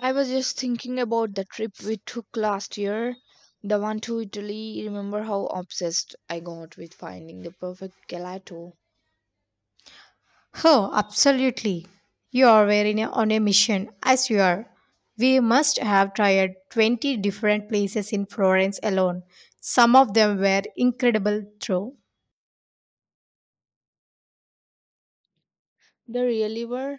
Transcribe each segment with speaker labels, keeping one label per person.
Speaker 1: I was just thinking about the trip we took last year, the one to Italy. Remember how obsessed I got with finding the perfect gelato?
Speaker 2: Oh, absolutely. You are on a mission, as you are. We must have tried 20 different places in Florence alone. Some of them were incredible, though.
Speaker 1: They really were.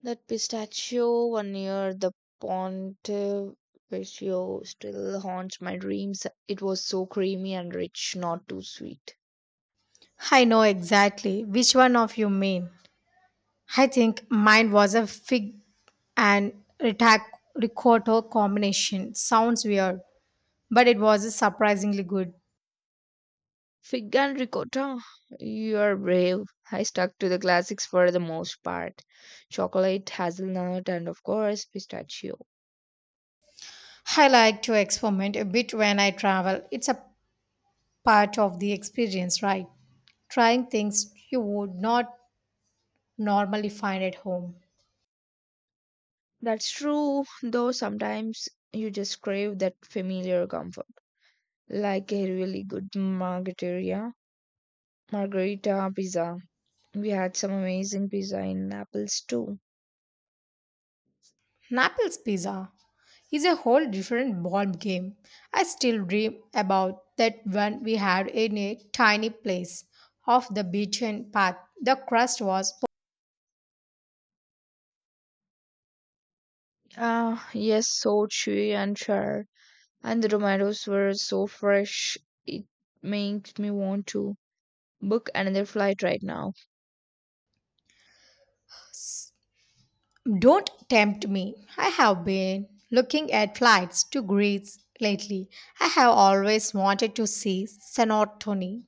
Speaker 1: That pistachio one near the Ponte Vecchio still haunts my dreams. It was so creamy and rich, not too sweet.
Speaker 2: I know exactly which one of you mean. I think mine was a fig and ricotta combination. Sounds weird, but it was surprisingly good.
Speaker 1: Fig and ricotta. You're brave. I stuck to the classics for the most part. Chocolate, hazelnut, and of course, pistachio.
Speaker 2: I like to experiment a bit when I travel. It's a part of the experience, right? Trying things you would not normally find at home.
Speaker 1: That's true, though sometimes you just crave that familiar comfort. Like a really good margarita pizza. We had some amazing pizza in Naples too.
Speaker 2: Naples pizza is a whole different ball game. I still dream about that one we had in a tiny place off the beaten path. The crust was...
Speaker 1: Ah, yes, so chewy and sharp. And the tomatoes were so fresh, it makes me want to book another flight right now.
Speaker 2: Don't tempt me. I have been looking at flights to Greece lately. I have always wanted to see Santorini.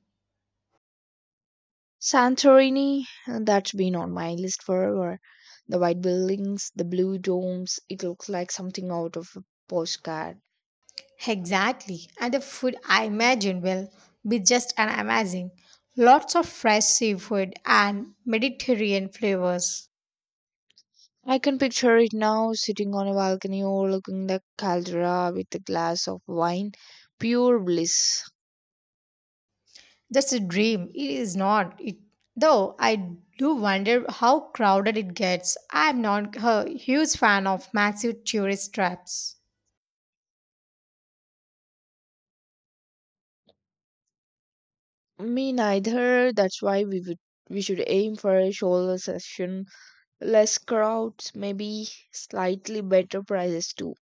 Speaker 1: Santorini, that's been on my list forever. The white buildings, the blue domes, it looks like something out of a postcard.
Speaker 2: Exactly. And the food I imagine will be just an amazing. Lots of fresh seafood and Mediterranean flavors.
Speaker 1: I can picture it now, sitting on a balcony overlooking the caldera with a glass of wine. Pure bliss.
Speaker 2: That's a dream. It is not. It though I do wonder how crowded it gets. I'm not a huge fan of massive tourist traps.
Speaker 1: Me neither. That's why we would We should aim for a shoulder session. Less crowds, maybe slightly better prices too.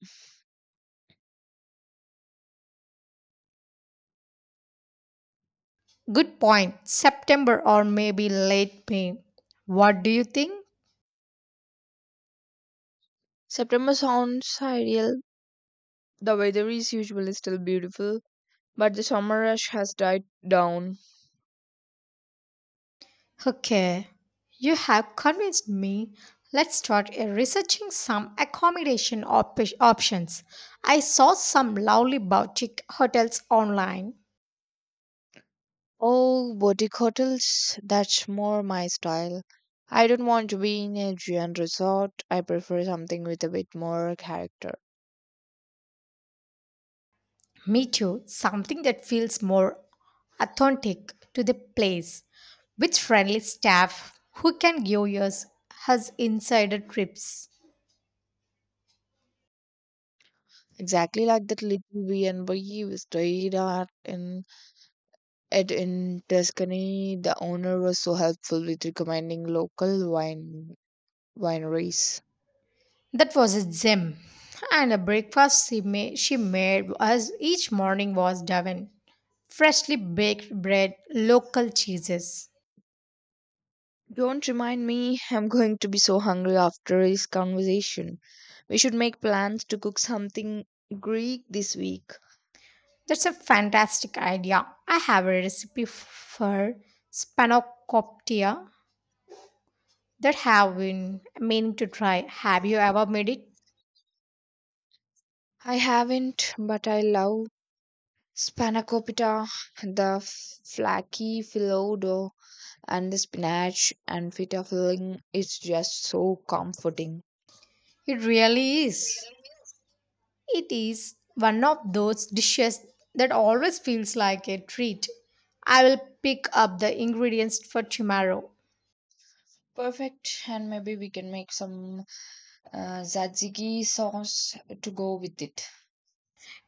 Speaker 2: Good point. September or maybe late May. What do you think?
Speaker 1: September sounds ideal. The weather is usually still beautiful but the summer rush has died down.
Speaker 2: Okay, you have convinced me. Let's start researching some accommodation options. I saw some lovely boutique hotels online.
Speaker 1: Oh, boutique hotels, that's more my style. I don't want to be in a giant resort. I prefer something with a bit more character.
Speaker 2: Me too, something that feels more authentic to the place with friendly staff who can give us insider trips.
Speaker 1: Exactly like that little B&B we stayed at in Tuscany. The owner was so helpful with recommending local wineries.
Speaker 2: That was a gem. And the breakfast she made us each morning was Devon. Freshly baked bread, local cheeses.
Speaker 1: Don't remind me, I'm going to be so hungry after this conversation. We should make plans to cook something Greek this week.
Speaker 2: That's a fantastic idea. I have a recipe for spanakoptia that have been meaning to try. Have you ever made it?
Speaker 1: I haven't, but I love spanakopita, the flaky filodo, and the spinach and feta filling. It's just so comforting.
Speaker 2: It really is. It is one of those dishes that always feels like a treat. I will pick up the ingredients for tomorrow.
Speaker 1: Perfect, and maybe we can make some tzatziki sauce to go with it.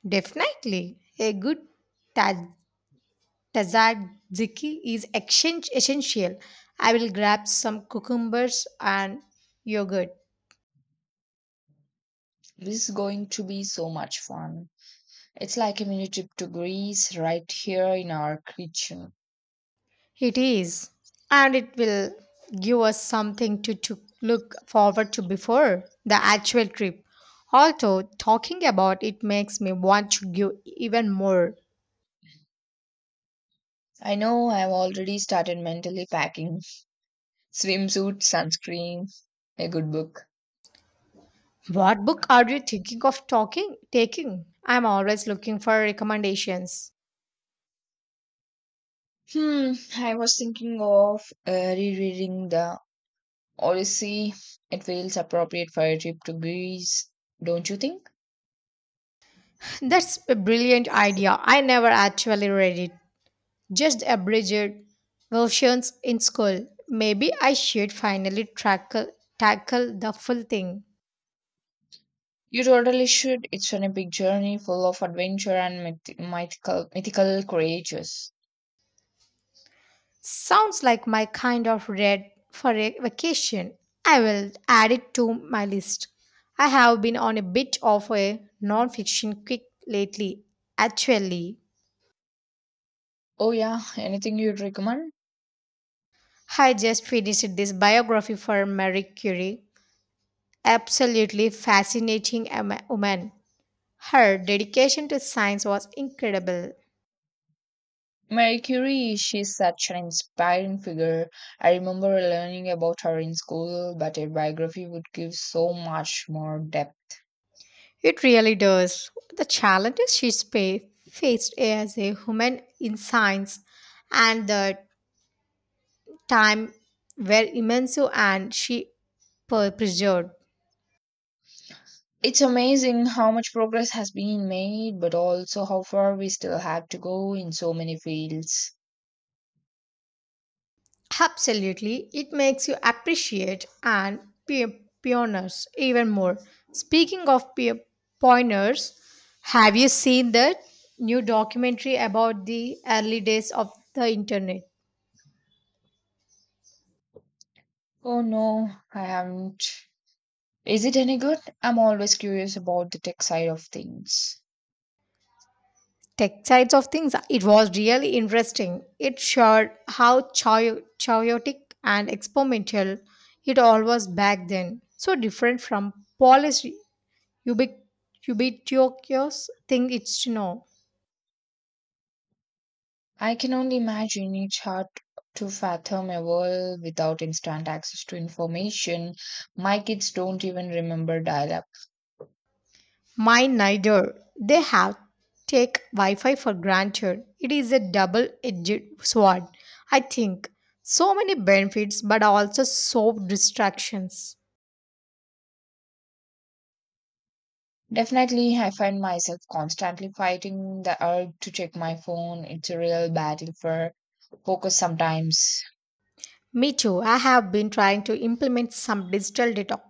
Speaker 2: Definitely, a good ta- tzatziki is exchange essential. I will grab some cucumbers and yogurt.
Speaker 1: This is going to be so much fun. It's like a mini trip to Greece right here in our kitchen.
Speaker 2: It is, and it will give us something to look forward to before the actual trip. Also, talking about it makes me want to give even more.
Speaker 1: I know I've already started mentally packing swimsuit, sunscreen, a good book.
Speaker 2: What book are you thinking of talking taking? I'm always looking for recommendations.
Speaker 1: Hmm, I was thinking of rereading the Odyssey. It feels appropriate for a trip to Greece, don't you think?
Speaker 2: That's a brilliant idea. I never actually read it, just abridged versions in school. Maybe I should finally tackle the full thing.
Speaker 1: You totally should. It's an epic journey full of adventure and mythical creatures.
Speaker 2: Sounds like my kind of read for a vacation. I will add it to my list. I have been on a bit of a non-fiction kick lately. Actually,
Speaker 1: Oh yeah, anything you'd recommend?
Speaker 2: I just finished this biography for Marie Curie. Absolutely fascinating woman. Her dedication to science was incredible.
Speaker 1: Mercury, she's such an inspiring figure. I remember learning about her in school, but a biography would give so much more depth.
Speaker 2: It really does. The challenges she faced as a woman in science and the time were immense and she preserved.
Speaker 1: It's amazing how much progress has been made, but also how far we still have to go in so many fields.
Speaker 2: Absolutely, it makes you appreciate and pioneers even more. Speaking of pioneers, have you seen the new documentary about the early days of the internet?
Speaker 1: Oh no, I haven't. Is it any good? I'm always curious about the tech side of things.
Speaker 2: Tech sides of things, it was really interesting. It showed how chaotic and experimental it all was back then. So different from polished ubiqu- ubiquitous thing it's now.
Speaker 1: I can only imagine it's hard to fathom a world without instant access to information. My kids don't even remember dial up.
Speaker 2: Mine neither. They have take Wi-Fi for granted. It is a double-edged sword, I think. So many benefits, but also so distractions.
Speaker 1: Definitely, I find myself constantly fighting the urge to check my phone. It's a real battle for focus sometimes.
Speaker 2: Me too. I have been trying to implement some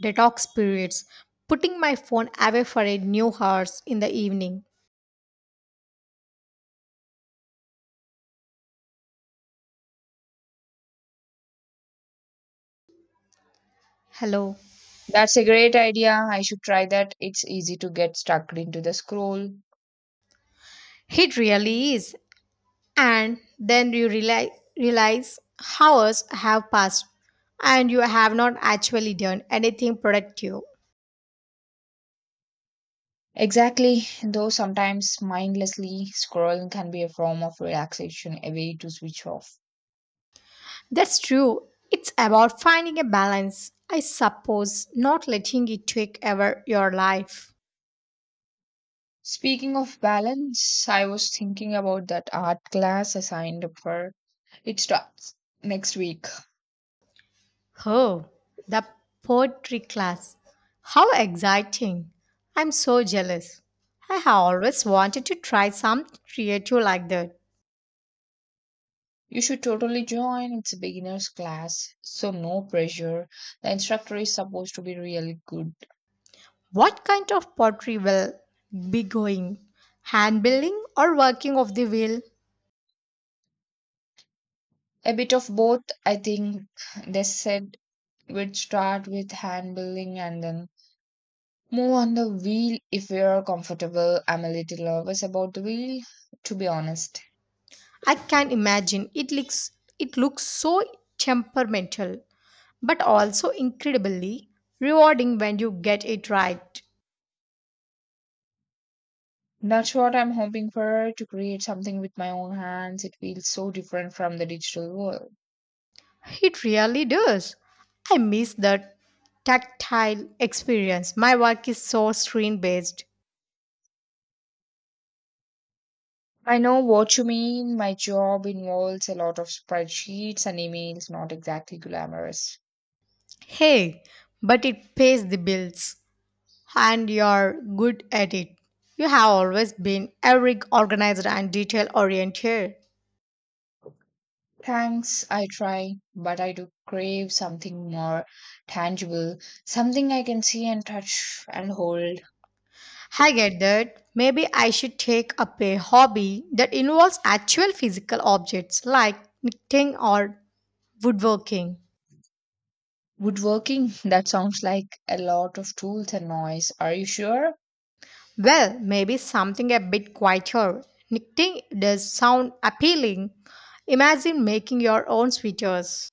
Speaker 2: detox periods, putting my phone away for a new hours in the evening. Hello.
Speaker 1: That's a great idea. I should try that. It's easy to get stuck into the scroll.
Speaker 2: It really is. And then you realize hours have passed and you have not actually done anything productive.
Speaker 1: Exactly, though sometimes mindlessly scrolling can be a form of relaxation, a way to switch off.
Speaker 2: That's true. It's about finding a balance, I suppose, not letting it take over your life.
Speaker 1: Speaking of balance, I was thinking about that art class I signed up for. It starts next week.
Speaker 2: Oh, the poetry class. How exciting. I'm so jealous. I have always wanted to try something creative like that.
Speaker 1: You should totally join. It's a beginner's class, so no pressure. The instructor is supposed to be really good.
Speaker 2: What kind of pottery will be going? Hand building or working of the wheel?
Speaker 1: A bit of both, I think they said we'd start with hand building and then move on the wheel if we are comfortable. I'm a little nervous about the wheel, to be honest.
Speaker 2: I can imagine it looks so temperamental, but also incredibly rewarding when you get it right.
Speaker 1: That's what I'm hoping for, to create something with my own hands. It feels so different from the digital world.
Speaker 2: It really does. I miss the tactile experience. My work is so screen based.
Speaker 1: I know what you mean. My job involves a lot of spreadsheets and emails, not exactly glamorous.
Speaker 2: Hey, but it pays the bills and you're good at it. You have always been very organized and detail oriented.
Speaker 1: Thanks, I try, but I do crave something more tangible, something I can see and touch and hold.
Speaker 2: I get that. Maybe I should take up a hobby that involves actual physical objects like knitting or woodworking.
Speaker 1: Woodworking? That sounds like a lot of tools and noise. Are you sure?
Speaker 2: Well, maybe something a bit quieter. Knitting does sound appealing. Imagine making your own sweaters.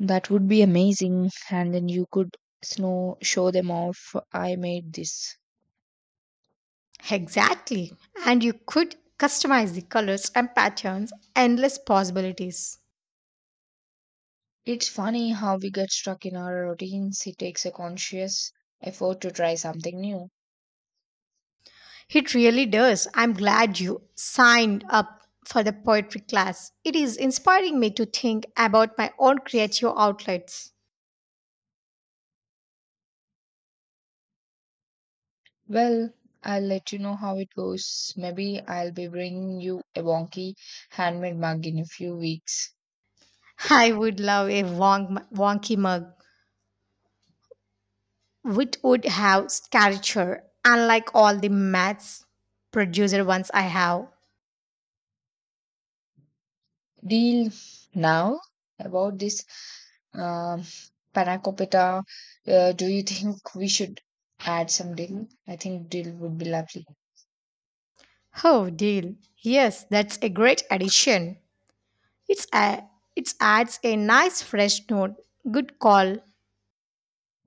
Speaker 1: That would be amazing. And then you could snow show them off. I made this.
Speaker 2: Exactly. And you could customize the colors and patterns, endless possibilities.
Speaker 1: It's funny how we get stuck in our routines. It takes a conscious effort to try something new.
Speaker 2: It really does. I'm glad you signed up for the poetry class. It is inspiring me to think about my own creative outlets.
Speaker 1: Well, I'll let you know how it goes. Maybe I'll be bringing you a wonky handmade mug in a few weeks.
Speaker 2: I would love a wonky mug, which would have caricature, unlike all the maths producer ones I have.
Speaker 1: Deal now about this um, panacopita. Do you think we should add some deal? I think deal would be lovely.
Speaker 2: Oh, deal. Yes, that's a great addition. It's a, it adds a nice fresh note. Good call.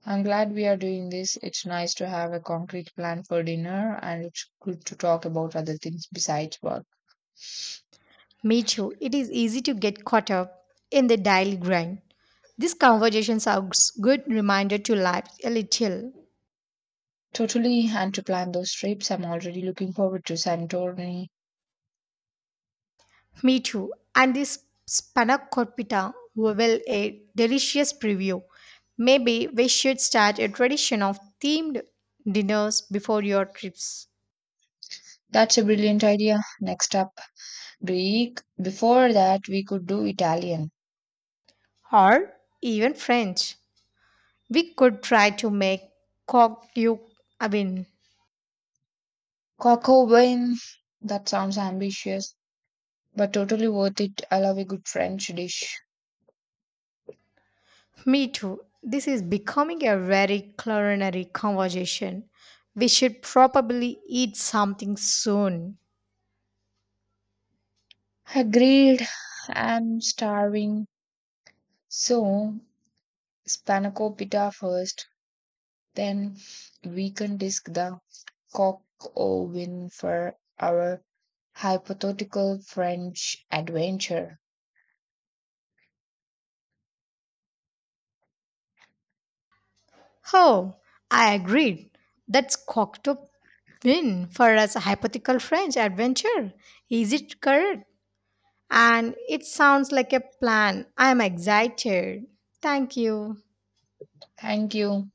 Speaker 1: I'm glad we are doing this. It's nice to have a concrete plan for dinner, and it's good to talk about other things besides work.
Speaker 2: Me... It is easy to get caught up in the daily grind. These conversations are a good reminder to life a little.
Speaker 1: Totally, and to plan those trips, I'm already looking forward to Santorini.
Speaker 2: Me too. And this spanakopita well a delicious preview. Maybe we should start a tradition of themed dinners before your trips.
Speaker 1: That's a brilliant idea. Next up, Greek. Before that, we could do Italian.
Speaker 2: Or even French. We could try to make coq you I mean
Speaker 1: Cocobain. That sounds ambitious, but totally worth it. I love a good French dish.
Speaker 2: me too. This is becoming a very culinary conversation. We should probably eat something soon.
Speaker 1: Agreed. I'm starving. So, spanakopita first, then we can disc the cock oven for our hypothetical French adventure.
Speaker 2: Oh, I agreed. That's cocked up win for us a hypothetical French adventure. Is it correct? And it sounds like a plan. I'm excited. Thank you.
Speaker 1: Thank you.